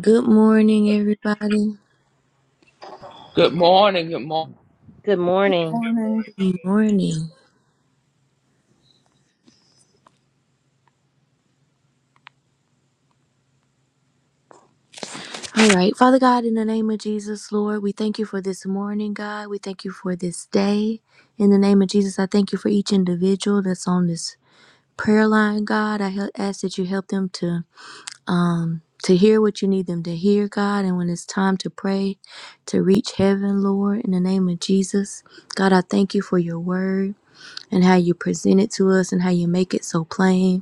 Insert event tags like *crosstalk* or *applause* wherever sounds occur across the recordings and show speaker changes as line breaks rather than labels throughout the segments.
Good morning, everybody.
Good morning. Good morning.
Good morning.
morning.
Good morning. All right. Father God, in the name of Jesus, Lord, we thank you for this morning, God. We thank you for this day. In the name of Jesus, I thank you for each individual that's on this prayer line, God. I hel- ask that you help them to um to hear what you need them to hear, God, and when it's time to pray, to reach heaven, Lord, in the name of Jesus. God, I thank you for your word and how you present it to us and how you make it so plain.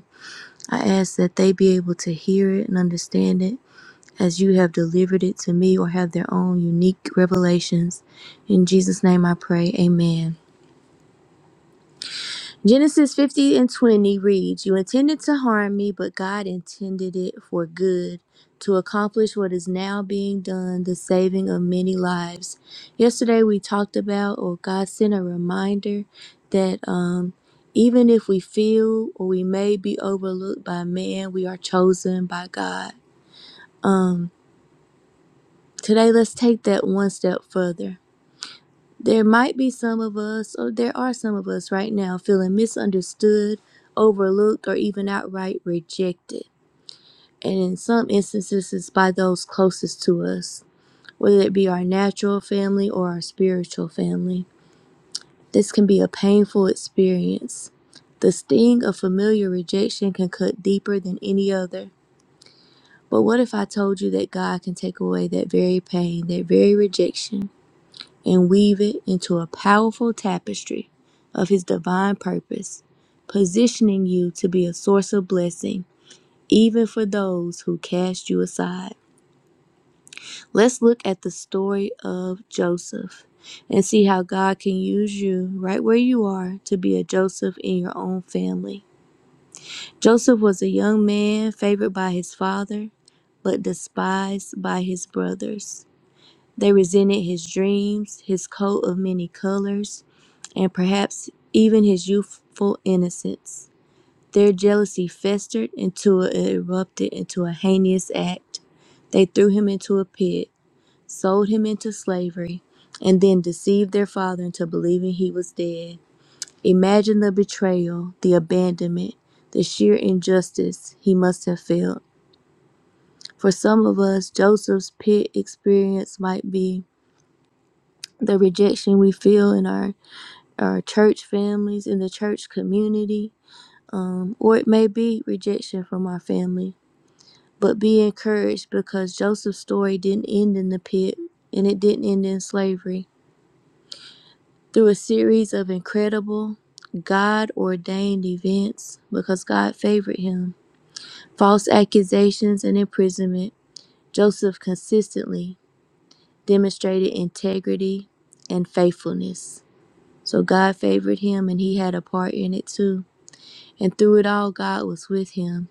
I ask that they be able to hear it and understand it as you have delivered it to me or have their own unique revelations. In Jesus' name I pray, amen. Genesis 50 and 20 reads, You intended to harm me, but God intended it for good, to accomplish what is now being done, the saving of many lives. Yesterday we talked about, or God sent a reminder that um, even if we feel or we may be overlooked by man, we are chosen by God. Um, today, let's take that one step further. There might be some of us, or there are some of us right now, feeling misunderstood, overlooked, or even outright rejected. And in some instances, it's by those closest to us, whether it be our natural family or our spiritual family. This can be a painful experience. The sting of familiar rejection can cut deeper than any other. But what if I told you that God can take away that very pain, that very rejection? and weave it into a powerful tapestry of His divine purpose, positioning you to be a source of blessing even for those who cast you aside. Let's look at the story of Joseph and see how God can use you right where you are to be a Joseph in your own family. Joseph was a young man favored by his father, but despised by his brothers. They resented his dreams, his coat of many colors, and perhaps even his youthful innocence. Their jealousy festered until it erupted into a heinous act. They threw him into a pit, sold him into slavery, and then deceived their father into believing he was dead. Imagine the betrayal, the abandonment, the sheer injustice he must have felt. For some of us, Joseph's pit experience might be the rejection we feel in our our church families in the church community um, or it may be rejection from our family but be encouraged because joseph's story didn't end in the pit and it didn't end in slavery through a series of incredible god ordained events because god favored him false accusations and imprisonment joseph consistently demonstrated integrity and faithfulness So God favored him and he had a part in it too. And through it all, God was with him.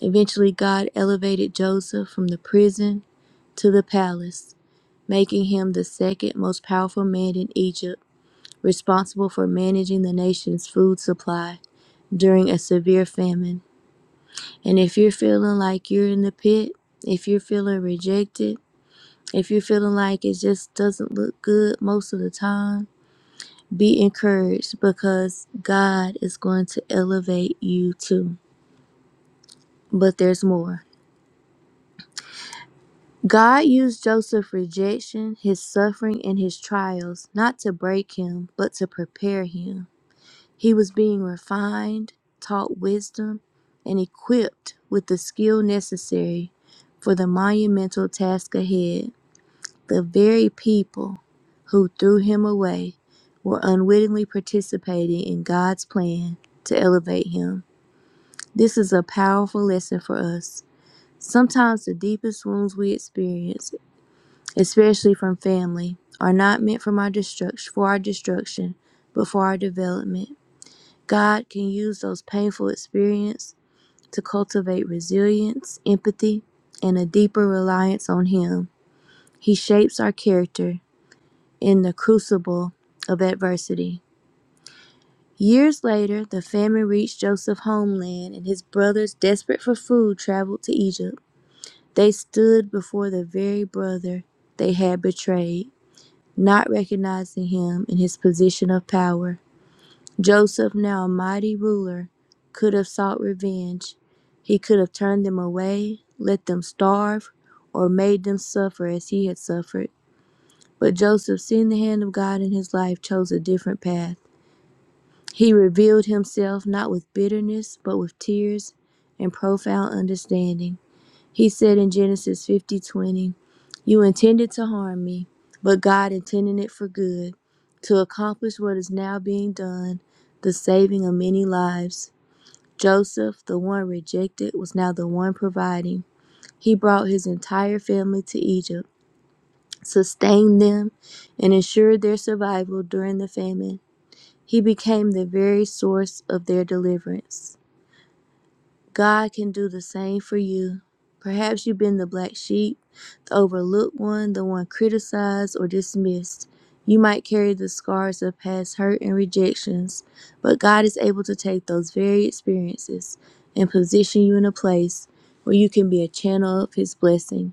Eventually, God elevated Joseph from the prison to the palace, making him the second most powerful man in Egypt, responsible for managing the nation's food supply during a severe famine. And if you're feeling like you're in the pit, if you're feeling rejected, if you're feeling like it just doesn't look good most of the time, Be encouraged because God is going to elevate you too. But there's more. God used Joseph's rejection, his suffering, and his trials not to break him, but to prepare him. He was being refined, taught wisdom, and equipped with the skill necessary for the monumental task ahead. The very people who threw him away were unwittingly participating in God's plan to elevate him. This is a powerful lesson for us. Sometimes the deepest wounds we experience, especially from family, are not meant for our destruction, for our destruction, but for our development. God can use those painful experiences to cultivate resilience, empathy, and a deeper reliance on Him. He shapes our character in the crucible of adversity. Years later, the famine reached Joseph's homeland, and his brothers, desperate for food, traveled to Egypt. They stood before the very brother they had betrayed, not recognizing him in his position of power. Joseph, now a mighty ruler, could have sought revenge. He could have turned them away, let them starve, or made them suffer as he had suffered. But Joseph, seeing the hand of God in his life, chose a different path. He revealed himself not with bitterness, but with tears and profound understanding. He said in Genesis 50:20, You intended to harm me, but God intended it for good, to accomplish what is now being done, the saving of many lives. Joseph, the one rejected, was now the one providing. He brought his entire family to Egypt, sustained them, and ensured their survival during the famine. He became the very source of their deliverance. God can do the same for you. Perhaps you've been the black sheep, the overlooked one, the one criticized or dismissed. You might carry the scars of past hurt and rejections, but God is able to take those very experiences and position you in a place where you can be a channel of His blessing,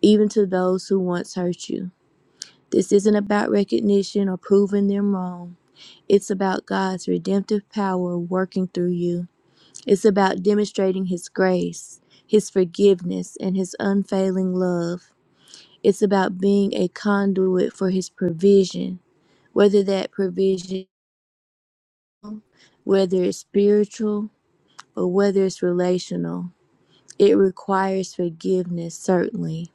even to those who once hurt you. This isn't about recognition or proving them wrong. It's about God's redemptive power working through you. It's about demonstrating His grace, His forgiveness, and His unfailing love. It's about being a conduit for His provision, whether that provision, whether it's spiritual or whether it's relational. It requires forgiveness, certainly.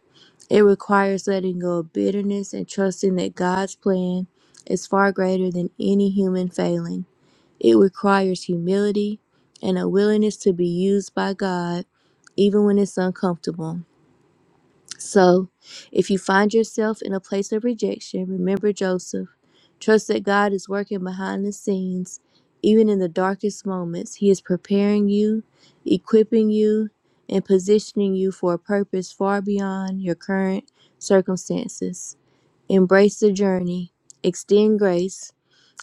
It requires letting go of bitterness and trusting that God's plan is far greater than any human failing. It requires humility and a willingness to be used by God even when it's uncomfortable. So, if you find yourself in a place of rejection, remember Joseph. Trust that God is working behind the scenes. Even in the darkest moments, He is preparing you, equipping you, and positioning you for a purpose far beyond your current circumstances. Embrace the journey, extend grace,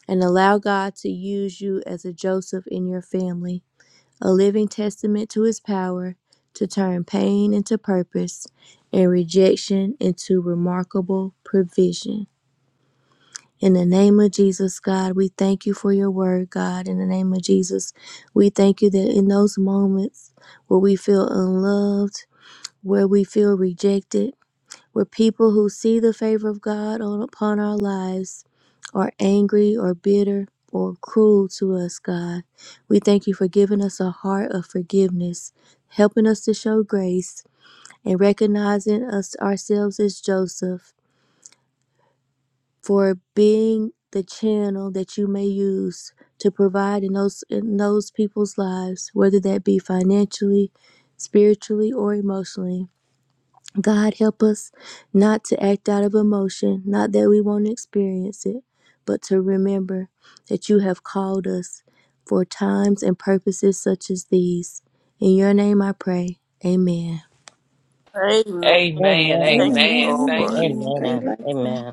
and allow God to use you as a Joseph in your family a living testament to his power to turn pain into purpose and rejection into remarkable provision. In the name of Jesus, God, we thank you for your word, God. In the name of Jesus, we thank you that in those moments where we feel unloved, where we feel rejected, we're people who see the favor of God on, upon our lives, are angry or bitter or cruel to us, God. We thank you for giving us a heart of forgiveness, helping us to show grace, and recognizing us ourselves as Joseph for being the channel that you may use to provide in those in those people's lives, whether that be financially, spiritually, or emotionally. God help us not to act out of emotion, not that we won't experience it, but to remember that you have called us for times and purposes such as these. In your name I pray. Amen.
Amen.
Amen.
Thank
Amen.
Amen,
you,
Amen. Thank
Lord.
you.
amen. Great
Amen.
Amen.
Amen.
blessing.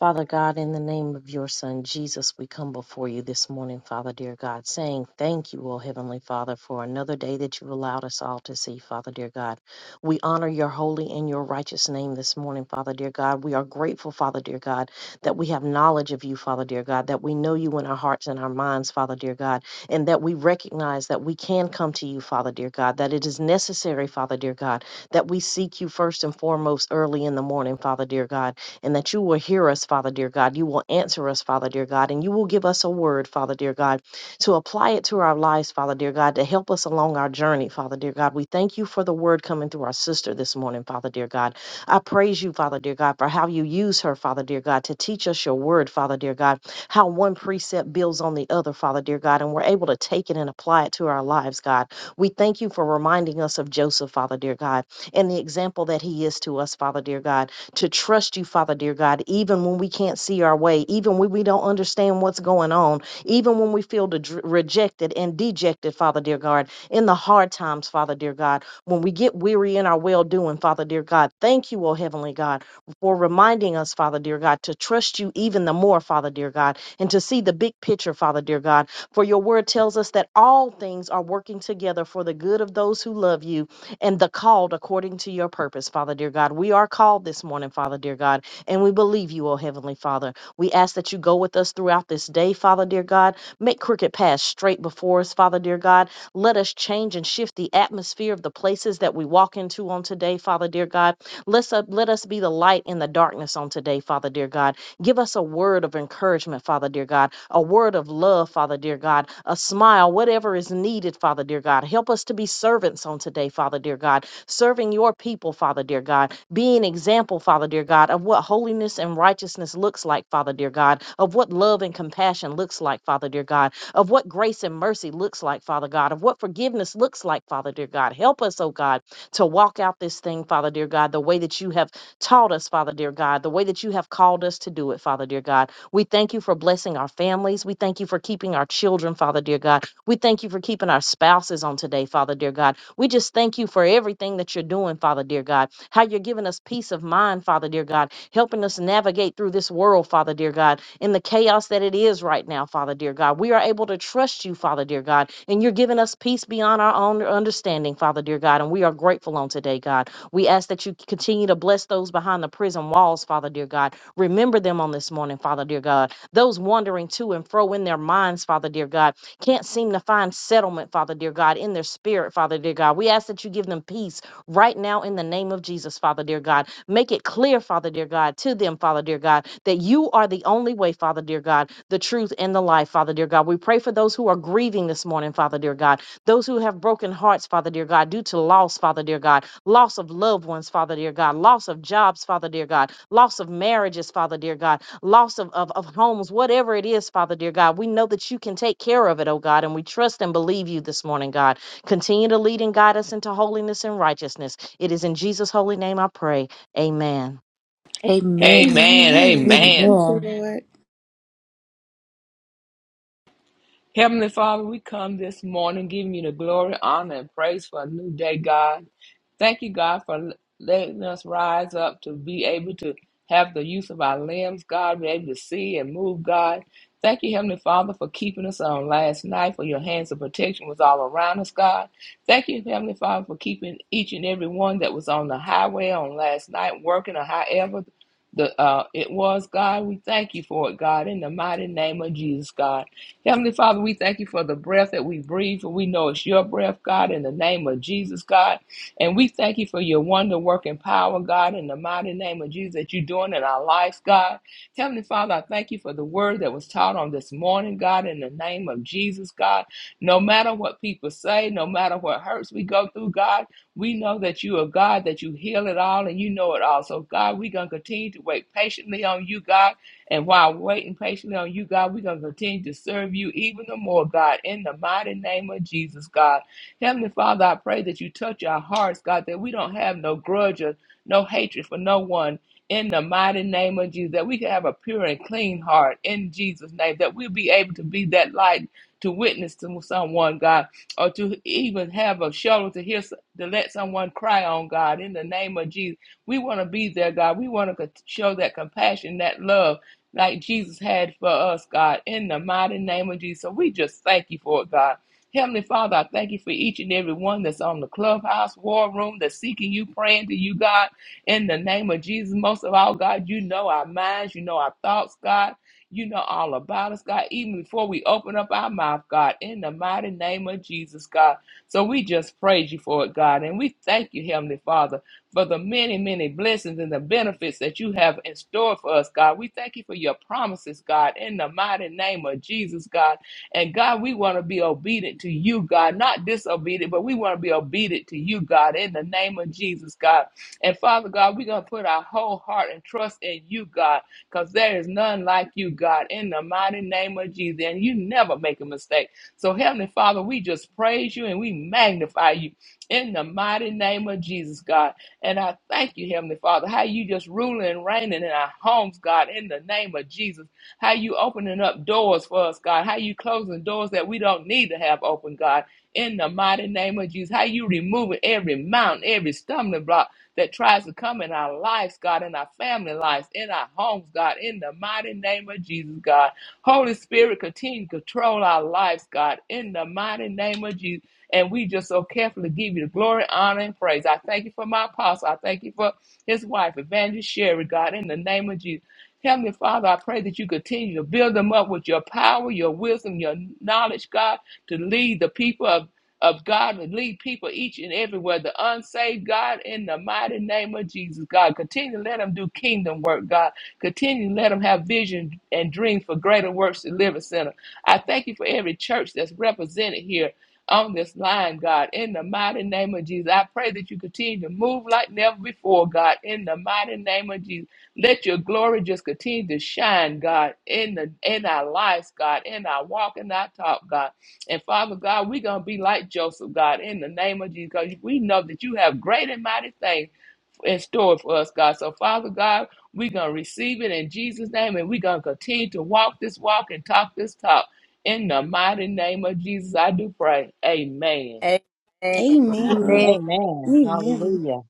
Father God, in the name of your Son Jesus, we come before you this morning, Father dear God, saying thank you, O Heavenly Father, for another day that you allowed us all to see, Father dear God. We honor your holy and your righteous name this morning, Father dear God. We are grateful, Father dear God, that we have knowledge of you, Father dear God, that we know you in our hearts and our minds, Father dear God, and that we recognize that we can come to you, Father dear God, that it is necessary, Father dear God, that we seek you first and foremost early in the morning, Father dear God and that you will hear us, Father dear God. You will answer us, Father dear God, and you will give us a word, Father dear God, to apply it to our lives, Father dear God, to help us along our journey, Father dear God. We thank you for the word coming through our sister this morning, Father dear God. I praise you, Father dear God, for how you use her, Father dear God, to teach us your word, Father dear God, how one precept builds on the other, Father dear God, and we're able to take it and apply it to our lives, God. We thank you for reminding us of Joseph, Father dear God, and the example that he is to us, Father dear God to trust you, Father, dear God, even when we can't see our way, even when we don't understand what's going on, even when we feel de- rejected and dejected, Father, dear God, in the hard times, Father, dear God, when we get weary in our well doing, Father, dear God. Thank you, O Heavenly God, for reminding us, Father, dear God, to trust you even the more, Father, dear God, and to see the big picture, Father, dear God. For your word tells us that all things are working together for the good of those who love you and the called according to your purpose, Father dear God. We are called this morning, Father dear God, and we believe you, O Heavenly Father. We ask that you go with us throughout this day, Father dear God. Make crooked paths straight before us, Father dear God. Let us change and shift the atmosphere of the places that we walk into on today, Father dear God. Let's uh, let us be the light in the darkness on today, Father dear God. Give us a word of encouragement, Father dear God, a word of love, Father dear God, a smile, whatever is needed, Father dear God. Help us to be servants on today, Father dear God, serving your people, Father dear God, be an example, Father dear God, of what holiness and righteousness looks like, Father dear God, of what love and compassion looks like, Father dear God, of what grace and mercy looks like, Father God, of what forgiveness looks like, Father dear God. Help us, oh God to walk out this thing, Father dear God, the way that you have taught us, Father dear God, the way that you have called us to do it, Father dear God. We thank you for blessing our families. We thank you for keeping our children, Father dear God. We thank you for keeping our spouses on today, Father dear God. We just thank you for everything that you're doing, Father dear God. How you're giving us peace of mind, Father dear God, helping us navigate through this world, Father dear God in the chaos that it is right now, Father dear God. We are able to trust you, Father dear God, and you're giving us peace beyond our own understanding, Father dear God, and we are grateful on today, God. We ask that you continue to bless those behind the prison walls, Father dear God. Remember them on this morning, Father dear God. Those wandering to and fro in their minds, Father dear God, can't seem to find settlement, Father dear God, in their spirit, Father dear God. We ask that you give them peace right now in the name of Jesus, Father dear God. Make it clear, Father dear God, to them, Father dear God, that you are the only way, Father dear God, the truth and the life, Father dear God. We pray for those who are grieving this morning, Father dear God, those who have broken hearts, Father dear God, due to loss, Father dear God, loss of loved ones, Father dear God, loss of jobs, Father dear God, loss of marriages, Father dear God, loss of, of, of homes, whatever it is, Father dear God. We know that you can take care of it, oh God, and we trust and believe you this morning, God. Continue to lead and guide us into holiness and righteousness. It is in Jesus' holy name I pray. Amen.
Amen,
Amen.
Amen.
amen.
Amen.
Thank you,
Amen.
Lord.
Heavenly Father, we come this morning giving you the glory, honor, and praise for a new day, God. Thank you, God, for letting us rise up to be able to have the use of our limbs, God, be able to see and move, God. Thank you, Heavenly Father, for keeping us on last night, for your hands of protection was all around us, God. Thank you, Heavenly Father, for keeping each and every one that was on the highway on last night, working or however the uh, it was, God. We thank you for it, God, in the mighty name of Jesus, God. Heavenly Father, we thank you for the breath that we breathe, for we know it's your breath, God, in the name of Jesus, God. And we thank you for your wonder working power, God, in the mighty name of Jesus that you're doing in our lives, God. Heavenly Father, I thank you for the word that was taught on this morning, God, in the name of Jesus, God. No matter what people say, no matter what hurts we go through, God, we know that you are God, that you heal it all and you know it all. So, God, we're going to continue to wait patiently on you, God. And while waiting patiently on you, God, we're going to continue to serve you even the more, God, in the mighty name of Jesus, God. Heavenly Father, I pray that you touch our hearts, God, that we don't have no grudge or no hatred for no one. In the mighty name of Jesus, that we can have a pure and clean heart in Jesus' name, that we'll be able to be that light to witness to someone, God, or to even have a shoulder to hear, to let someone cry on, God, in the name of Jesus. We want to be there, God. We want to show that compassion, that love like Jesus had for us, God, in the mighty name of Jesus. So we just thank you for it, God. Heavenly Father, I thank you for each and every one that's on the clubhouse, war room, that's seeking you, praying to you, God, in the name of Jesus. Most of all, God, you know our minds, you know our thoughts, God. You know all about us, God, even before we open up our mouth, God, in the mighty name of Jesus, God. So we just praise you for it, God, and we thank you, Heavenly Father for the many, many blessings and the benefits that you have in store for us, God. We thank you for your promises, God, in the mighty name of Jesus, God. And God, we want to be obedient to you, God, not disobedient, but we want to be obedient to you, God, in the name of Jesus, God. And Father God, we're going to put our whole heart and trust in you, God, because there is none like you, God, in the mighty name of Jesus. And you never make a mistake. So, Heavenly Father, we just praise you and we magnify you in the mighty name of Jesus, God. And I thank you, Heavenly Father, how you just ruling and reigning in our homes, God, in the name of Jesus. How you opening up doors for us, God. How you closing doors that we don't need to have open, God, in the mighty name of Jesus. How you removing every mountain, every stumbling block that tries to come in our lives, God, in our family lives, in our homes, God, in the mighty name of Jesus, God. Holy Spirit, continue to control our lives, God, in the mighty name of Jesus. And we just so carefully give you the glory, honor, and praise. I thank you for my apostle. I thank you for his wife, Evangelist Sherry, God, in the name of Jesus. Heavenly Father, I pray that you continue to build them up with your power, your wisdom, your knowledge, God, to lead the people of, of God, to lead people each and everywhere, the unsaved, God, in the mighty name of Jesus, God. Continue to let them do kingdom work, God. Continue to let them have vision and dreams for greater works to live in center. I thank you for every church that's represented here on this line, God. In the mighty name of Jesus, I pray that you continue to move like never before, God. In the mighty name of Jesus, let your glory just continue to shine, God, in the in our lives, God, in our walk and our talk, God. And Father God, we're gonna be like Joseph, God, in the name of Jesus, because we know that you have great and mighty things in store for us, God. So, Father God, we're going to receive it in Jesus' name and we're going to continue to walk this walk and talk this talk. In the mighty name of Jesus, I do pray. Amen.
Amen.
Amen,
Amen.
Amen.
amen.
Hallelujah.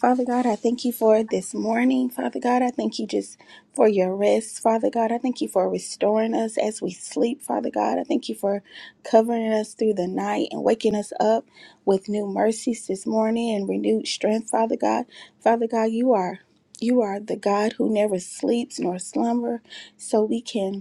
Father God, I thank you for this morning. Father God, I thank you just for your rest. Father God, I thank you for restoring us as we sleep. Father God, I thank you for covering us through the night and waking us up with new mercies this morning and renewed strength. Father God, Father God, you are you are the God who never sleeps nor slumber, so we can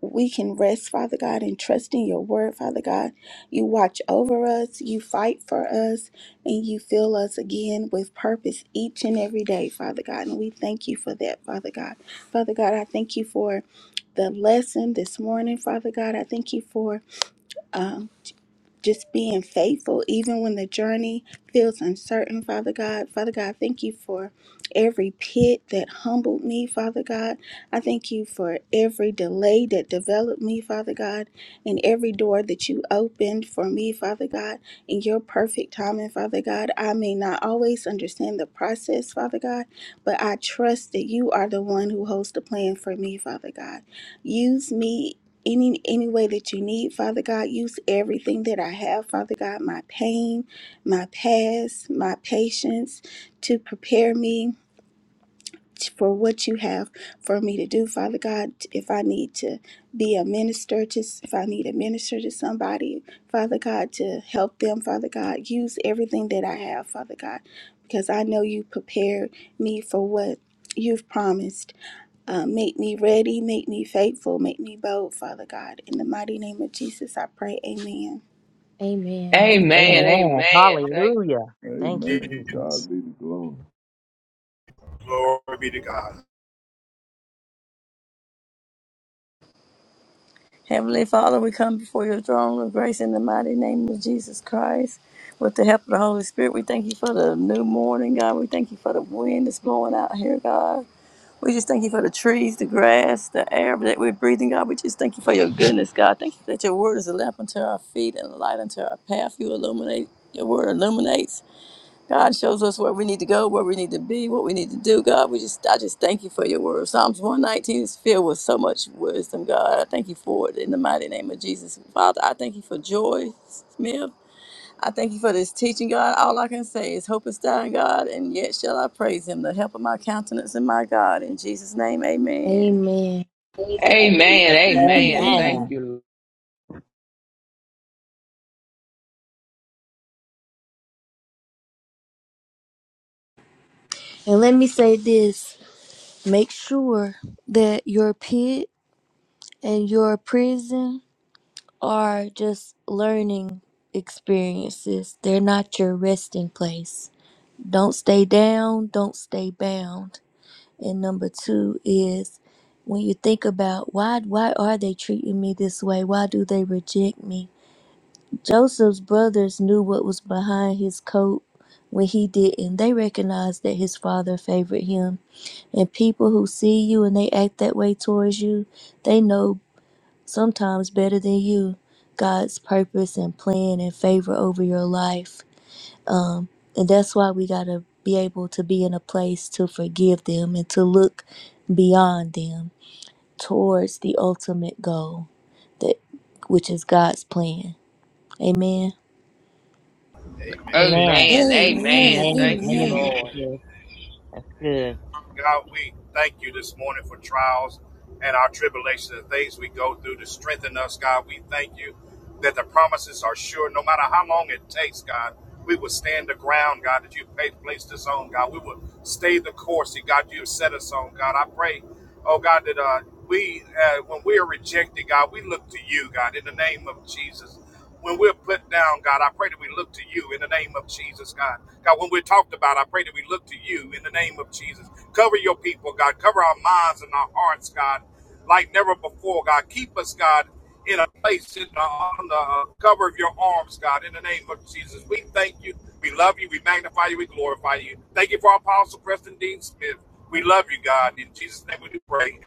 we can rest, Father God, and trust in your word, Father God. You watch over us, you fight for us, and you fill us again with purpose each and every day, Father God. And we thank you for that, Father God. Father God, I thank you for the lesson this morning, Father God. I thank you for um, just being faithful, even when the journey feels uncertain, Father God. Father God, thank you for every pit that humbled me, Father God. I thank you for every delay that developed me, Father God, and every door that you opened for me, Father God, in your perfect timing, Father God. I may not always understand the process, Father God, but I trust that you are the one who holds the plan for me, Father God. Use me any any way that you need father god use everything that i have father god my pain my past my patience to prepare me t- for what you have for me to do father god if i need to be a minister to s- if i need to minister to somebody father god to help them father god use everything that i have father god because i know you prepared me for what you've promised um, make me ready, make me faithful, make me bold, Father God. In the mighty name of Jesus, I pray. Amen.
Amen.
Amen.
Amen.
Amen.
Amen. Thank,
Hallelujah. Thank you,
Amen. To
Jesus.
God be the glory.
Glory be to God.
Heavenly Father, we come before your throne of grace in the mighty name of Jesus Christ. With the help of the Holy Spirit, we thank you for the new morning, God. We thank you for the wind that's blowing out here, God. We just thank you for the trees, the grass, the air that we're breathing, God. We just thank you for your goodness, God. Thank you that your word is a lamp unto our feet and a light unto our path. You illuminate, your word illuminates. God shows us where we need to go, where we need to be, what we need to do. God, we just I just thank you for your word. Psalms 119 is filled with so much wisdom, God. I thank you for it in the mighty name of Jesus. Father, I thank you for joy, Smith. I thank you for this teaching, God. All I can say is hope is dying, God, and yet shall I praise him, the help of my countenance and my God. In Jesus' name, amen.
Amen.
amen. Amen. Thank
Amen.
Amen.
you.
And let me say this make sure that your pit and your prison are just learning experiences. They're not your resting place. Don't stay down, don't stay bound. And number two is when you think about why why are they treating me this way? Why do they reject me? Joseph's brothers knew what was behind his coat when he didn't. They recognized that his father favored him. And people who see you and they act that way towards you, they know sometimes better than you, God's purpose and plan and favor over your life. And that's why we got to be able to be in a place to forgive them and to look beyond them towards the ultimate goal that which is God's plan. Amen.
Amen.
Amen.
Amen.
Amen.
Amen.
Amen.
Amen.
Amen.
Thank you,
Amen.
Amen.
Sister
Lord.
Bliss. That's
Amen.
good.
God, we thank you this morning for trials and our tribulations and things we go through to strengthen us, God. We thank you that the promises are sure. No matter how long it takes, God, we will stand the ground, God, that you placed us on, God. We will stay the course that, God, you have set us on, God. I pray, oh, God, that uh, we, uh, when we are rejected, God, we look to you, God, in the name of Jesus. when we're put down, God, I pray that we look to you in the name of Jesus, God. God, when we're talked about, I pray that we look to you in the name of Jesus. Cover your people, God. Cover our minds and our hearts, God, like never before, God. Keep us, God, in a place in the, on the cover of your arms, God, in the name of Jesus. We thank you. We love you. We magnify you. We glorify you. Thank you for our Apostle Preston Dean Smith. We love you, God. In Jesus' name we do pray.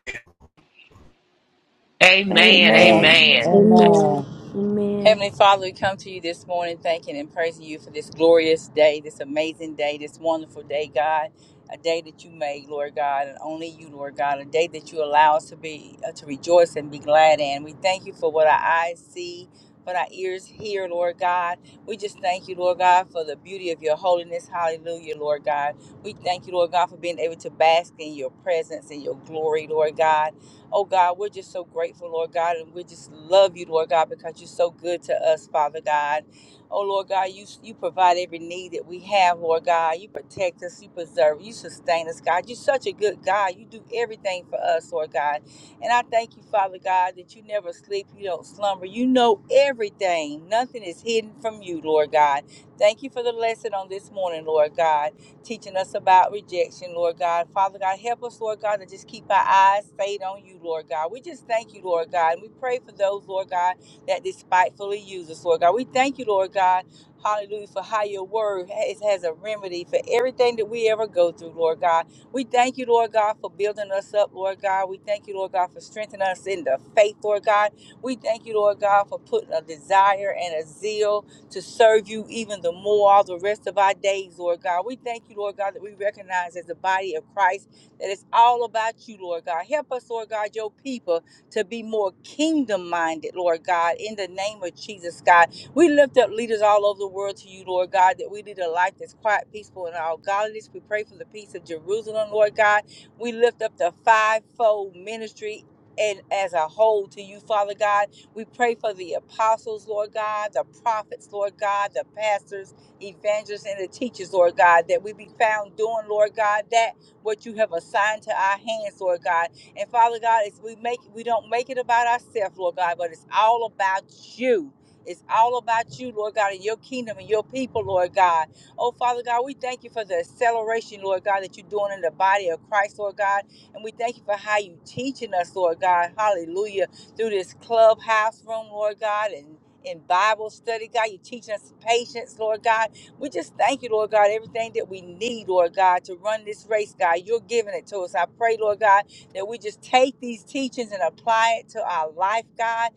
Amen.
Amen.
Amen.
Amen.
Amen.
Amen.
Amen.
Heavenly Father, we come to you this morning thanking and praising you for this glorious day, this amazing day, this wonderful day, God. A day that you made, Lord God, and only you, Lord God. A day that you allow us to be uh, to rejoice and be glad in. We thank you for what our eyes see, what our ears hear, Lord God. We just thank you, Lord God, for the beauty of your holiness. Hallelujah, Lord God. We thank you, Lord God, for being able to bask in your presence and your glory, Lord God. Oh God, we're just so grateful, Lord God, and we just love you, Lord God, because you're so good to us, Father God. Oh Lord God, you you provide every need that we have, Lord God. You protect us, you preserve, you sustain us, God. You're such a good God. You do everything for us, Lord God. And I thank you, Father God, that you never sleep, you don't slumber. You know everything. Nothing is hidden from you, Lord God. Thank you for the lesson on this morning, Lord God teaching us about rejection, Lord God. Father God, help us, Lord God, to just keep our eyes stayed on you, Lord God. We just thank you, Lord God. And we pray for those, Lord God, that despitefully use us, Lord God. We thank you, Lord God. Hallelujah, for how your word has, has a remedy for everything that we ever go through, Lord God. We thank you, Lord God, for building us up, Lord God. We thank you, Lord God, for strengthening us in the faith, Lord God. We thank you, Lord God, for putting a desire and a zeal to serve you even the more all the rest of our days, Lord God. We thank you, Lord God, that we recognize as the body of Christ that it's all about you, Lord God. Help us, Lord God, your people to be more kingdom minded, Lord God, in the name of Jesus, God. We lift up leaders all over the world to you, Lord God, that we lead a life that's quiet, peaceful, and all godliness. We pray for the peace of Jerusalem, Lord God. We lift up the fivefold ministry and as a whole to you, Father God. We pray for the apostles, Lord God, the prophets, Lord God, the pastors, evangelists, and the teachers, Lord God, that we be found doing, Lord God, that what you have assigned to our hands, Lord God. And Father God, it's, we make we don't make it about ourselves, Lord God, but it's all about you. It's all about you, Lord God, and your kingdom and your people, Lord God. Oh, Father God, we thank you for the acceleration, Lord God, that you're doing in the body of Christ, Lord God. And we thank you for how you teaching us, Lord God. Hallelujah through this clubhouse room, Lord God, and in Bible study, God, you're teaching us patience, Lord God. We just thank you, Lord God, everything that we need, Lord God, to run this race, God. You're giving it to us. I pray, Lord God, that we just take these teachings and apply it to our life, God.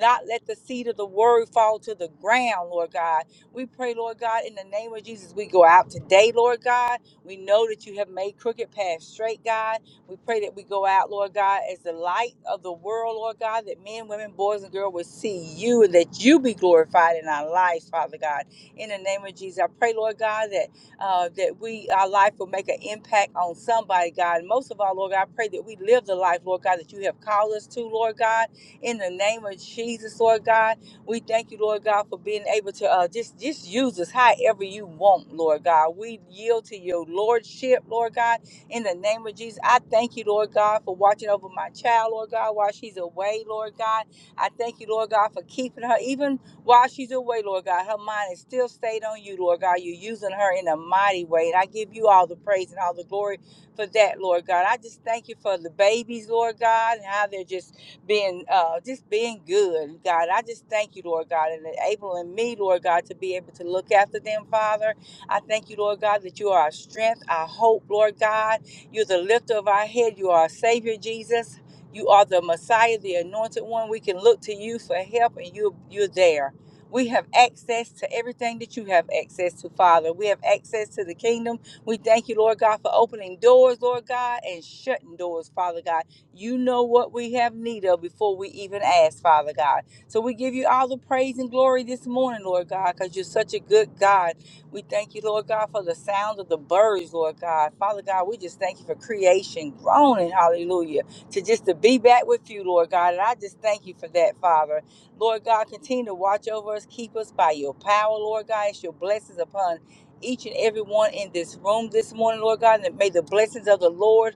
Not let the seed of the word fall to the ground, Lord God. We pray, Lord God, in the name of Jesus, we go out today, Lord God. We know that you have made crooked paths straight, God. We pray that we go out, Lord God, as the light of the world, Lord God, that men, women, boys, and girls will see you and that you be glorified in our lives, Father God. In the name of Jesus, I pray, Lord God, that uh, that we our life will make an impact on somebody, God. And most of all, Lord God, I pray that we live the life, Lord God, that you have called us to, Lord God. In the name of Jesus, Lord God, we thank you, Lord God, for being able to uh, just just use us however you want, Lord God. We yield to your lordship, Lord God in the name of Jesus, I thank you, Lord God, for watching over my child, Lord God, while she's away, Lord God. I thank you, Lord God, for keeping her even while she's away, Lord God. Her mind is still stayed on you, Lord God. You're using her in a mighty way. And I give you all the praise and all the glory for that, Lord God. I just thank you for the babies, Lord God, and how they're just being uh just being good, God. I just thank you, Lord God, and enabling me, Lord God, to be able to look after them, Father. I thank you, Lord God, that you are our strength, our hope, Lord God. You're the lifter of our head. You are our Savior, Jesus. You are the Messiah, the anointed one. We can look to you for help, and you, you're there. We have access to everything that you have access to, Father. We have access to the kingdom. We thank you, Lord God, for opening doors, Lord God, and shutting doors, Father God. You know what we have need of before we even ask, Father God. So we give you all the praise and glory this morning, Lord God, because you're such a good God. We thank you, Lord God, for the sound of the birds, Lord God. Father God, we just thank you for creation groaning, hallelujah, to just to be back with you, Lord God. And I just thank you for that, Father. Lord God, continue to watch over us, keep us by your power, Lord God. It's your blessings upon each and every one in this room this morning, Lord God. And may the blessings of the Lord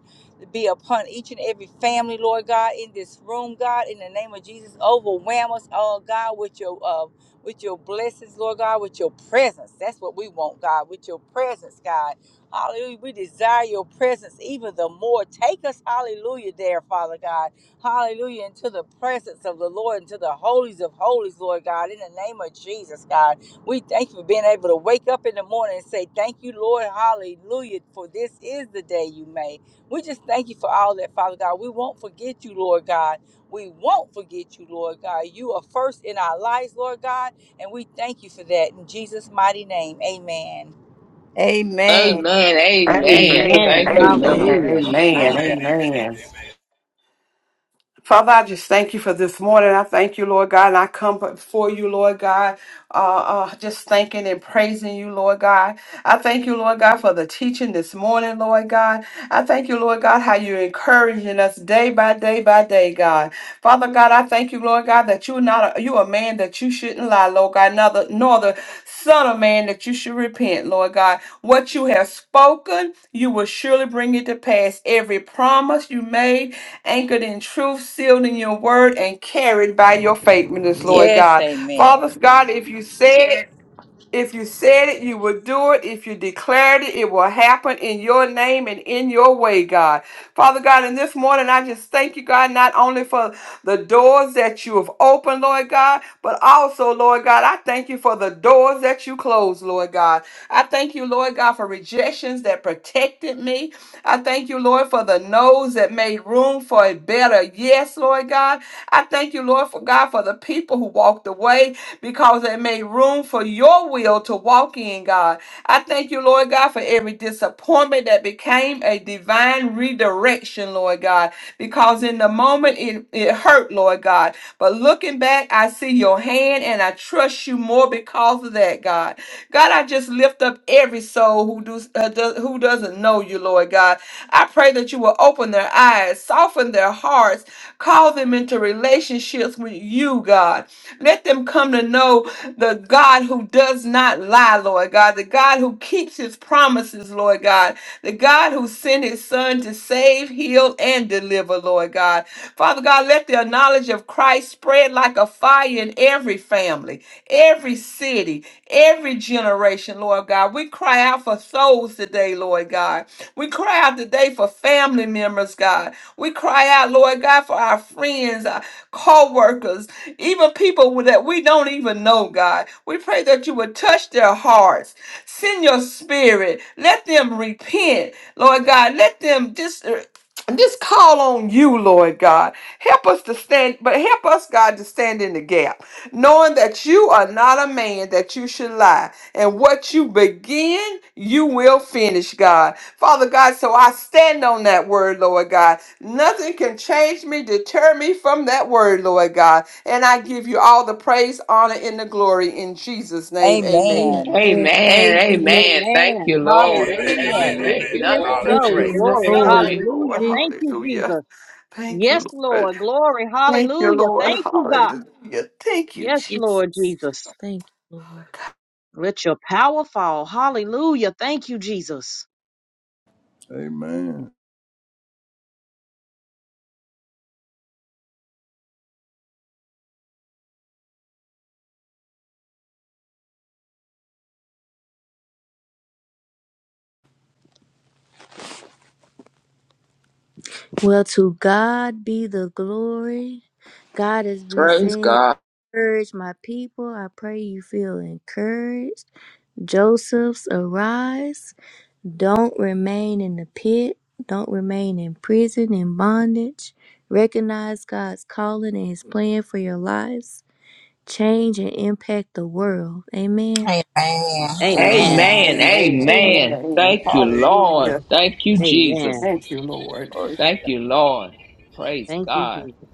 be upon each and every family, Lord God, in this room, God, in the name of Jesus. Overwhelm us all, God, with your uh, with your blessings, Lord God, with your presence. That's what we want, God, with your presence, God. Hallelujah. We desire your presence even the more. Take us, hallelujah, there, Father God. Hallelujah. Into the presence of the Lord, into the holies of holies, Lord God, in the name of Jesus, God. We thank you for being able to wake up in the morning and say, Thank you, Lord. Hallelujah. For this is the day you made. We just thank you for all that, Father God. We won't forget you, Lord God. We won't forget you, Lord God. You are first in our lives, Lord God. And we thank you for that in Jesus' mighty name. Amen.
Amen.
Amen. Amen.
Amen.
Amen.
Thank you,
Amen.
Lord.
Amen.
Amen.
Hallelujah.
Amen. Amen. Father, I just thank you for this morning. I thank you, Lord God, and I come before you, Lord God, uh, uh, just thanking and praising you, Lord God. I thank you, Lord God, for the teaching this morning, Lord God. I thank you, Lord God, how you're encouraging us day by day by day, God. Father God, I thank you, Lord God, that you're not a, you a man that you shouldn't lie, Lord God, nor the, nor the son of man that you should repent, Lord God. What you have spoken, you will surely bring it to pass. Every promise you made anchored in truth, sealed in your word, and carried by your faithfulness, Lord
Yes,
God.
amen.
Father God, if you said if you said it, you will do it. If you declared it, it will happen in your name and in your way, God. Father God, in this morning, I just thank you, God, not only for the doors that you have opened, Lord God, but also, Lord God, I thank you for the doors that you closed, Lord God. I thank you, Lord God, for rejections that protected me. I thank you, Lord, for the no's that made room for a better yes, Lord God. I thank you, Lord, for God, for the people who walked away because it made room for your will to walk in, God. I thank you, Lord God, for every disappointment that became a divine redirection, Lord God, because in the moment it, it hurt, Lord God. But looking back, I see your hand and I trust you more because of that, God. God, I just lift up every soul who, does, uh, does, who doesn't know you, Lord God. I pray that you will open their eyes, soften their hearts, call them into relationships with you, God. Let them come to know the God who does not lie, Lord God, the God who keeps his promises, Lord God, the God who sent his son to save, heal, and deliver, Lord God. Father God, let the knowledge of Christ spread like a fire in every family, every city, every generation, Lord God. We cry out for souls today, Lord God. We cry out today for family members, God. We cry out, Lord God, for our friends, our workers even people that we don't even know, God. We pray that you would touch their hearts. Send your spirit. Let them repent, Lord God. Let them just. uh, Just call on you, Lord God. Help us to stand, but help us, God, to stand in the gap, knowing that you are not a man that you should lie. And what you begin, you will finish, God. Father God, so I stand on that word, Lord God. Nothing can change me, deter me from that word, Lord God. And I give you all the praise, honor, and the glory in Jesus' name. Amen.
Amen.
Amen.
Amen.
Amen.
Amen.
Amen. Thank you,
Amen.
Lord.
Amen.
*clears throat*
Amen.
Hallelujah.
Jesus.
Amen.
It
okay,
is
nothing
Thank you,
Thank
Amen.
so.
separates.
you,
Thank
Jesus.
Glory.
you,
Hallelujah.
Thank you,
Jesus.
Lord.
Hallelujah.
Lord.
Thank you,
Hallelujah.
Jesus.
Thank you,
Yes,
Lord.
Lord. Glory.
Thank you,
Hallelujah.
Lord.
Thank you, God.
Hallelujah. Thank you,
Yes, Lord
Jesus.
Jesus.
Thank you, Lord.
Let your power fall. Hallelujah. Thank you, Jesus.
Amen.
Well, to God be the glory. God has been
Praise
saying,
God.
Encourage my people. I pray you feel encouraged. Joseph's, arise. Don't remain in the pit. Don't remain in prison, in bondage. Recognize God's calling and His plan for your lives. Change and impact the world. Amen.
Amen.
Amen.
Amen.
Amen.
Amen.
Amen.
Amen.
Glory
Amen.
Amen.
Thank you,
Amen.
Lord.
Hallelujah.
Thank you, Jesus.
Amen.
Thank you, Lord.
to
Thank
God.
you, Lord. Praise
Thank you,
God.
Jesus.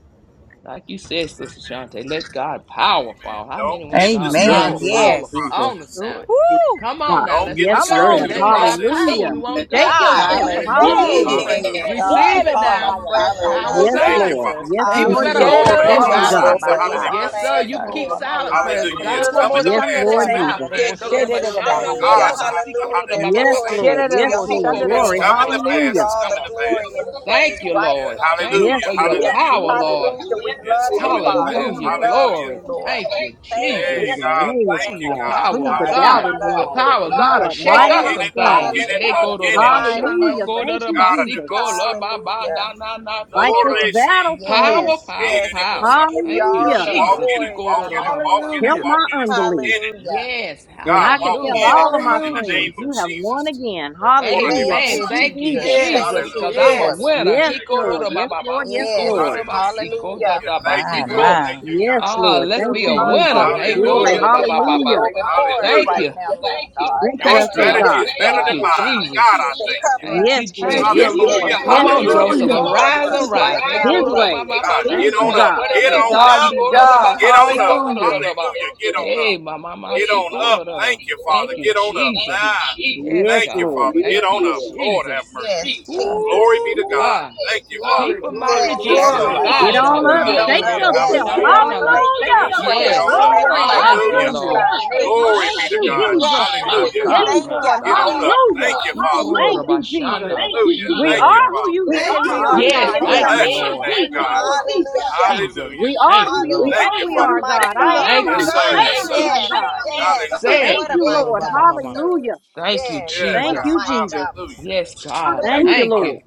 Like you said, Sister Shante, let God power
Amen.
fall. How many
Don't
want
get
God
Yes,
Amen.
power
discouraged in
Lord
the
fall
Yes.
on
Jesus.
us
process.
now?
Glory, to
Woo!
Come on
Ah,
now,
Don't
let's
get
yes,
Come
wake up
discouraged
here.
on,
Lord.
through the
Let
Jesus.
God
process.
power.
Hallelujah.
We
Amen.
want God
Shake
God,
power.
help
yourself.
Let
us.
it
Hallelujah.
fall.
Hey.
Hallelujah.
Praise God.
Receive it
Fall
now. The
afresh on
Hallelujah.
power of
us,
Yes,
Thank
Yerebahayabasatayabasi.
you,
God.
Lord.
Father.
Jesus.
Yes,
Thank
People
Lord
you,
better
Hallelujah.
Lord.
open
Jesus.
up
We
their
give
Thank
you
you,
mouth.
all the
God.
God.
Hallelujah.
Glory,
praise,
Sherereroshatabasa.
glory.
Yes, sir.
honor, and
You
the
can
to
keep
Oh,
glory.
silent prayers, but
hallelujah,
Hallelujah. It's
God
Lord.
wants you
coming
Hallelujah.
to
to
Yes,
open up
pass. It's
that
Lord
God.
coming to
mouth.
Thank
Jesus.
you,
Hey,
Oh,
pass.
go to the
bless
Jesus.
your
bashanda,
name,
Thank
go to
you.
the
God.
Herereroboshandarebasandaraboshederebahandarabas.
God's time to
basiko, go to the
Hallelujah.
ba ba
Yes,
ba ba,
Glory
hadidibose.
go
be
Lord.
to the
to
Yes,
your
Lord.
holy
basiko, go to
It's
the
Glory.
name.
ba
We
coming
ma.
to
Sherereroboshandarabosaya.
just
Na
give
na
you
pass.
Hallelujah.
na
It's
na
all
na
the
coming
na.
to pass.
glory and
Thank
praise
you,
right
Yeah,
Lord.
now,
Thank
Lord.
you
Yes,
hallelujah.
for
Thank
your
you.
Lord.
Hallelujah.
power,
Yes, yes,
Lord.
yes.
Hallelujah. We
It's
love you,
coming to
Father.
pass.
Lord.
We
Hallelujah.
love
Glory.
you,
Hallelujah.
Lord.
Thank you,
Thank
Hey,
you
When
in
Jesus.
your
God.
name is
your
Thank
name,
you,
Hallelujah. The
called,
God.
Father
power
prove
of
the
God. We
Hallelujah.
God.
doubters
love
The
you.
wrong.
power of God
You
will
are
shake
Walk
mighty
up
and
Yes.
in
some
it. Walk in
things.
strong.
it.
Hey,
Walk
go
Hallelujah.
to
in
the
it.
Mighty
bashanda,
Hallelujah.
name
go
of
to
Thank
the
you,
God of
Jesus.
the
Jesus.
basiko, la ba
Basanta.
ba na
Hallelujah.
na na, do
Fight
do
this
do.
battle
Orisi.
for me.
Power,
Yes.
Kate
power,
of
Yes.
the
power.
Give
Bosanta.
you
Thank
Thank
you,
all
you,
Hallelujah.
the
Walk
God.
Jesus.
in
He
it.
glory,
go
Walk
to the
in
honor,
it. Walk in
mama.
it.
Help
Hallelujah.
Walk
my
in
God.
it. Walk
unbelief.
in it.
Hallelujah.
Yes,
Then I
God,
can
walk
tell
hallelujah.
in it,
all of
Yes.
my
Thank
God, in
you,
the
Hallelujah.
name
friends,
of
you have
Jesus.
won
Jesus.
again.
Order the
Hallelujah.
Thank
Amen.
Thank
you,
Boston.
you,
Thank you,
Jesus.
Jesus.
Yes,
Thank
Jesus,
you,
because I'm a
Hallelujah.
Lord.
yes,
winner.
Yes,
He
Yeah,
go
God.
to the
Lord. Yes,
baba
Lord. Yes,
basiko to
Yes.
Lord.
the
Hallelujah.
basiko da
Hallelujah.
Yeah,
da
thank you,
My,
God.
Lord,
basiko.
my.
Thank you,
Yes,
God.
Ah,
Lord.
let's
you,
Thank
be a
you,
Your,
Lord.
Jesus.
winner. Hey,
hallelujah. We
go
Hallelujah.
to
Glory.
hallelujah.
the
thank you,
baba
Father.
baba.
Hallelujah.
Go before us
Thank
Hallelujah.
right
you.
now, Lord God.
Strengthen
Your
Thank
us,
you.
oh
Lead
strategy
us,
God.
is better
Thank
than
God.
you,
mine. God,
Jesus.
I
Keep and
thank you.
cover
Thank
Yes,
us,
you,
Lord.
Jesus.
Thank you,
Yes,
Jesus.
it
Hallelujah.
is.
Lord.
Yes.
Come
Yes,
on,
it is.
Hallelujah.
Keep
Joseph,
and
Hallelujah.
arise,
cover us right
arise. Hey,
now,
go
His
to the
Lord.
ba
way.
ba ba
God,
nah.
Thank
get
you,
on up.
Not
God.
what it
Get
That
looked
on
like.
God
up.
You
be
go to the ba
God.
Get
ba
on
see
up.
go to the da
Hallelujah.
da ba.
Hallelujah. Get on up.
Hey, ma ma ma
Get
see
on
go
up.
to the da.
Thank you,
Thank
Father.
you,
Get on up.
Jesus.
Ah,
Yes,
Yes,
thank you,
God.
Lord.
Father. Get
Thank
on
you,
up. Lord have
Jesus.
mercy.
Yes,
Glory
Jesus.
be
Ooh,
to God.
God.
Thank you, Father.
Glory,
People might
glory,
Yes,
Yes,
reject
sir.
me,
that's
but
glory.
Hallelujah.
right,
Get
God
Sister
on
don't.
Jill.
up.
Get
He
Hallelujah.
on
go
Shake
to
up.
the ba
Yes,
yourself.
sha
Hallelujah.
na
Lord. We
na na.
thank you.
Hallelujah.
We
Yes, sir. Get
praise you.
Yes.
on
We
up.
Hallelujah.
Glory.
magnify your
Thank you,
Hallelujah.
glorious
Hallelujah.
Lord.
Hallelujah.
divine name,
Glory
Thank
be
Jesus.
to
you,
God.
Jesus,
Jesus.
Yes,
my
Hallelujah.
Lord. We
Yes,
God,
thank
my
you.
Lord.
Get
God.
on up.
Hallelujah.
Thank you,
He
Father.
go to the
Thank you,
ba sha
Jesus.
na.
Hallelujah.
He
We
go to
Thank
the
you,
are
ba.
who
Father.
you
We
say
Thank
are
you,
we
who
are,
you say
Lord.
Yes,
God. In
we are,
the
thank
Hallelujah.
you,
Bless
name
your name,
of
Hallelujah.
Lord.
Thank you,
Jesus,
God.
Hallelujah.
Jesus.
Hallelujah.
we are
Thank
who
you,
you
We
Lord.
Thank
say
are you,
we
who
What a
you
are,
Father.
mighty
say
God.
we
I
God
are, God.
am
we
Thank
who
you,
Yes,
you
sir. Yes,
serve.
Jesus.
say I
sir.
am,
Yes,
God.
yes.
Say
Hallelujah.
it.
Thank
He
What a
you,
go to the
mighty
Lord.
ba
God
ba
we
ba ba.
Hallelujah.
serve.
Thank you,
Yes,
Yeah,
what
Thank
a
Jesus.
God.
you,
mighty
Jesus.
God we
Hallelujah.
Yes,
serve.
Thank you,
God.
Thank you,
Thank
Father.
you.
Lord.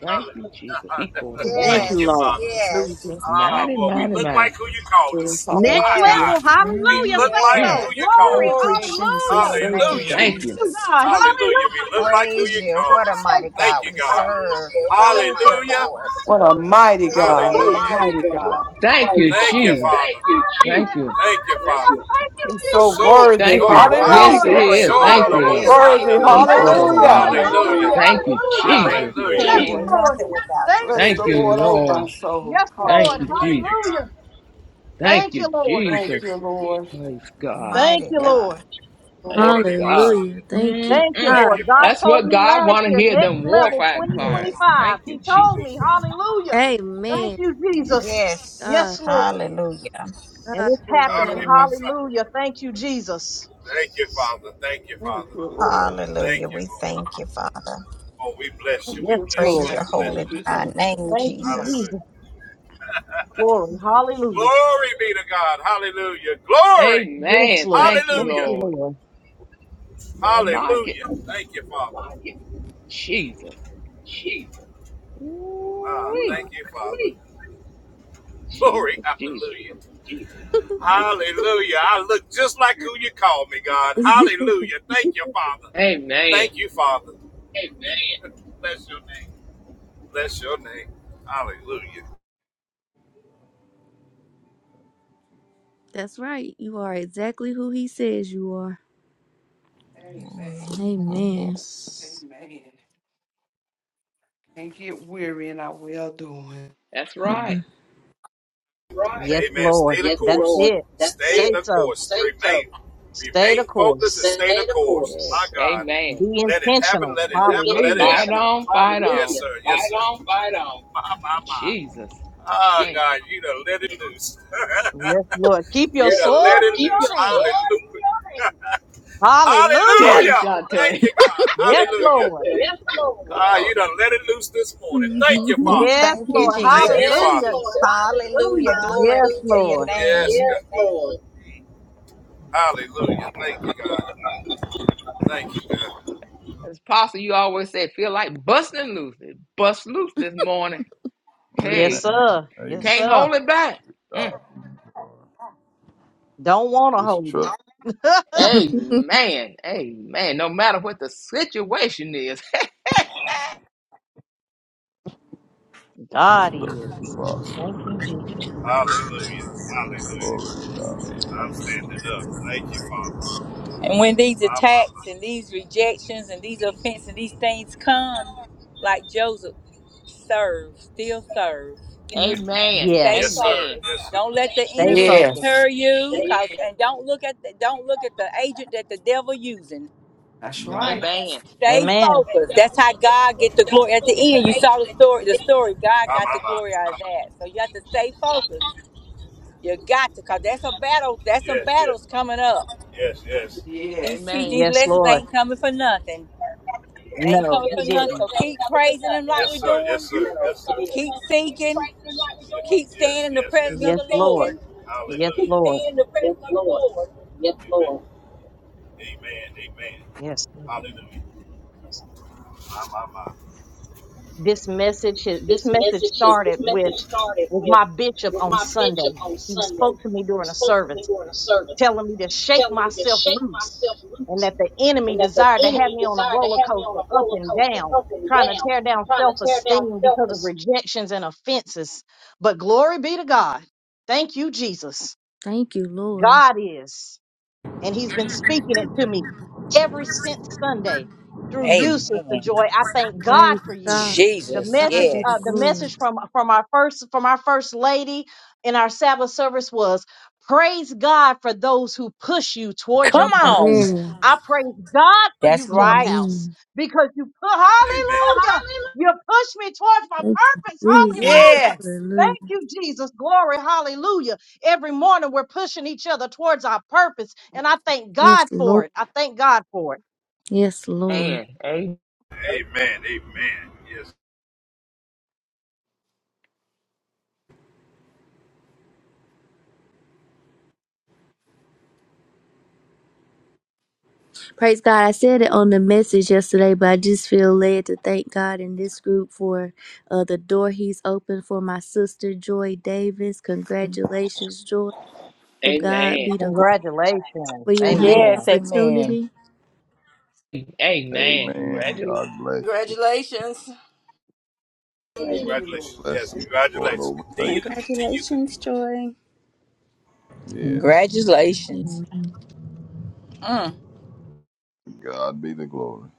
Thank you, Jesus. He called
Hallelujah.
on
*laughs*
my
Thank
mind.
Thank
you,
you,
Yes,
Lord.
Father.
yes,
Hallelujah.
Ah,
Mighty,
boy, we
mighty,
look
mighty.
like who you called
So it's
us.
all
Next
My
to
yes,
you.
God.
level.
We
Hallelujah.
look
Mm,
Say
like
mm.
who
so.
you
yes.
called
Glory.
Thank you,
us.
Glory be to
Hallelujah.
Jesus.
your
Thank you,
name,
Hallelujah.
Thank
Thank
you.
you,
Jesus.
Jesus.
God.
Hallelujah. We
Hallelujah.
look like who
Praise
you
you.
called
What a
us.
Glory.
mighty
Thank
God
you,
we
God.
serve.
Glory.
Thank you,
Hallelujah.
Lord.
What
Hallelujah.
a mighty
Glory! Thank you, Lord!
God, a
Hallelujah.
Yes.
Mighty
mighty
God.
God.
Thank
Mighty
you,
Thank God. you,
Glory!
Jesus.
Father. Thank you, Jesus.
Thank you.
Thank you, Father.
Hallelujah! Thank you,
He's so
Jesus!
So,
worthy.
Thank
so,
Yes,
you.
Of
word eh,
all
Yes,
Lord!
it
the
Hallelujah.
is.
praise,
so, hallelujah.
Thank
the
honor,
most
you.
and
is.
the
Hallelujah!
Worthy.
glory
He
Thank
belongs
called
you,
to
on my
Hallelujah.
you.
Lord!
mama.
Glory!
Hallelujah.
Thank you,
Hallelujah!
Hallelujah.
Jesus.
Thank
Thank
you,
you,
Yes,
Can't do
Lord.
Lord!
nothing without
Take
Thank
you.
a
you,
Bless
Thank
the
picture of
you,
Lord,
Jesus!
oh
yourself.
my
Lord.
soul.
Yes,
Thank
Lord!
you,
Hallelujah.
Thank you,
Jesus.
Hallelujah!
God.
Thank
Thank
you,
you, Lord!
Thank you,
Thank
Jesus.
you, Lord.
God.
Praise God.
Thank
Mighty
you,
Thank you.
God.
Lord!
Thank
Glory
Lord.
to
you,
my
God.
son.
Hallelujah. Thank you,
Thank you,
Mm-mm.
Thank
God.
you,
Lord. God
That's
Father.
told
what
me
God
last
want to
year,
hear,
next
them
level
Thank
warfare
you.
cries.
Yes.
2025.
Thank you,
He
Jesus.
told me,
Jesus.
hallelujah. Thank
Amen.
you, Jesus.
Yes.
God,
Yes, Lord.
Hallelujah.
And
God,
Thank
it's
you, Lord.
happening.
Glory my
Lord.
son.
Hallelujah. Thank you, Jesus.
Thank you, Father. Thank you,
Thank
Father.
you, Lord.
Thank
Hallelujah.
you,
We
Lord.
thank you, Father.
Oh, we bless
Thank
you. We
Yes,
you,
bless
Father.
Praise
you.
Lord.
We
your
bless
Thank
holy
you.
you,
divine
thank you,
name,
thank
Thank
you,
you,
God.
Jesus.
Hallelujah.
Jesus. Glory. Hallelujah.
Glory be to God. Hallelujah. Glory.
Yes,
Amen.
Lord.
Thank you,
Thank
Hallelujah.
you,
Lord.
Lord.
You ain't like it.
Hallelujah. Thank you, Father.
Jesus.
Ah,
Ooh-wee.
thank you, Father. Glory.
Jesus, Jesus.
Hallelujah. Hallelujah. I look just like who you called me, God.
*laughs*
Hallelujah. Thank you, Father.
Amen.
Thank you, Father. Amen. *laughs* Bless your name. Bless your name. Hallelujah.
That's right. You are exactly who he says you are.
Amen.
Amen.
Amen.
Yes.
Amen. Can't get weary in our well doing.
That's right.
Right.
Yes,
Amen. Stay
Lord.
the Yes, course.
That's
Lord.
it.
Stay
Say
it. the
so.
course. Stay Remain. so.
Stay the
Remain focused and stay
course.
Stay the the course. course.
Yes.
My God.
Amen.
Be
Let it happen.
intentional.
Let it
Amen.
happen. Let
Hallelujah.
it
Fight
happen. intentional.
on,
Yes,
fight on.
sir. Yes, sir. Fight on, fight on. My, my, my.
Jesus.
Ah,
Thank
God, you done let it loose. *laughs*
Yes, Lord. Keep
you
your
yes,
sword
done let it
in
loose.
your hand.
Hallelujah. *laughs*
you. Tell
Hallelujah.
Hallelujah.
it, Shantae.
Thank you, God. Yes,
Yes,
Hallelujah.
Lord.
Yes,
*laughs* Good
Ah, you
Lord.
done let it loose this
*laughs*
morning. Thank you, Father.
Yes,
Thank you,
Lord.
Thank you, Yes,
Jesus.
you, Father.
Hallelujah.
Lord. Hallelujah.
Hallelujah. Glory
Yes,
be to
Hallelujah.
your
Lord.
Yes,
name.
Yes, God. Lord. Hallelujah. Thank you, God. Thank you, God.
As Pastor, you always say, feel like busting loose. It Bust loose this morning.
Yes,
Hey,
Amen.
sir. Yes,
Amen.
can't
sir.
hold it back. Mm.
God be the glory.
Don't want to
Just
hold
trust,
it.
Amen. Amen. No matter what the situation is.
*laughs* God
trust the
is.
process.
Thank you, Jesus.
Hallelujah. Hallelujah.
Glory to God.
I'm
Thank
standing up. Thank you, Father.
And when these
My, my,
attacks
my.
and these rejections and these offenses and these things come, like Joseph, serve, still serve.
*laughs*
Yeah.
yep.
Amen.
Stay
Yes,
Yes.
sir.
Amen.
focused.
Yes, sir.
Don't let the
Stay
enemy
focused.
Yes.
deter you, cause and don't look at the don't look at the agent that the devil using.
That's
you.
right.
Amen.
Amen.
Stay
Amen.
focused. That's how God get the glory.
Don't
At
look at
the end,
the
you saw
agent
the
at
story. The story God
My,
got
my,
the glory
my.
out of that. So you have to stay focused. You got to, cause that's a battle. That's some
Yes, yes.
battles coming up.
Yes, yes.
These
Yes.
te-
Amen.
these
Yes,
lessons
Lord.
ain't coming for nothing. They ain't
No,
coming
he
for nothing. So
didn't.
keep praising him like
Yes,
we're
sir. Yes,
doing.
sir. Yes, sir.
Keep seeking. Keep staying
Yes, Yes.
in the
Yes,
presence of
Keep
Yes,
the
Lord.
Lord.
thinking. Hallelujah.
Yes,
Keep
Lord.
Yes, Lord. Yes, Lord. Amen. Amen.
Yes, Lord.
Hallelujah. My, my, my.
This message, this
This
message
message is this
started with,
message started
with
with
my bishop
with
on
my
Sunday.
bishop on
He
Sunday.
spoke to me
He
during a
spoke to me
service,
during a service,
telling me to shake
telling me to
myself
shake
loose
myself
and
loose,
that the enemy
and that the
desired to have
enemy
me on a
desired
roller
to have me on
coaster
a
up
roller
and
coaster,
down,
up and
trying to
down,
tear down
trying
self
to tear down
esteem
self
because of
esteem.
rejections and offenses. But glory be to God. Thank you, Jesus.
Thank you, Lord.
God is. and he's been speaking it to me every since Sunday through you,
Amen.
Sister Joy. I thank God
Praise
for you.
God.
The
To
Jesus.
message,
God be the
uh, the
Yes.
glory.
message from from our first from our first lady in our Sabbath service was praise God for those who push you toward
Come
your
on.
purpose.
Amen.
I praise God for you,
That's right.
Clubhouse,
Amen.
because you put
Amen.
Hallelujah. You push me towards my
Thank you,
purpose.
Jesus.
Hallelujah.
Yes.
Hallelujah.
Thank you, Jesus. Glory. Hallelujah. Every morning we're pushing each other towards our purpose. And I thank
Yes,
God for
Lord.
it. I thank God for it.
Yes, Lord.
Amen. Amen.
Amen. Amen. Yes.
Praise God. I said it on the message yesterday, but I just feel led to thank God in this group for uh, the door He's opened for my sister, Joy Davis. Congratulations, Joy. To God
Amen.
be the glory. for
Congratulations.
your
Yes.
new
Amen.
Yes, amen.
opportunity.
Amen.
Amen.
Congratulations.
God bless you.
Congratulations.
Thank you,
It's
Congratulations.
a
Lord.
Yes.
blessing. Lord
Congratulations.
overtake
Continue to continue. to
Congratulations, Joy.
you. Yes.
Congratulations.
Amen.
Mm.
To God be the glory.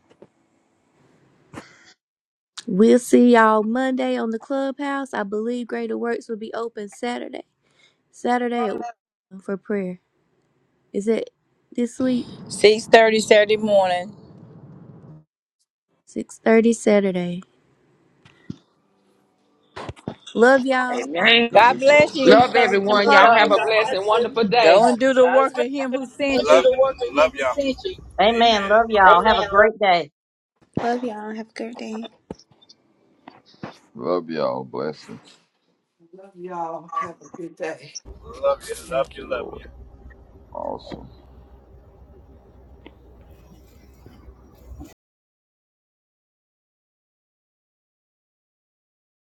We'll see y'all Monday on the clubhouse. I believe Greater Works will be open Saturday. Saturday at 1 for prayer. Is it this week?
6.30 Saturday morning.
Six thirty Saturday. Love y'all.
God
Amen.
be
God
the glory.
bless you.
Love
6:30 in
everyone. Y'all have a
person.
blessed and wonderful
Go
day.
and do the work of him who sent
Love,
you.
love y'all. Amen.
Amen. Love y'all. Have a
Amen. Love
great day.
Love y'all. Have a good day.
Love y'all. Blessings.
Love y'all. Have a good day.
you. Love
Thank you,
you.
Lord.
Love you.
Awesome.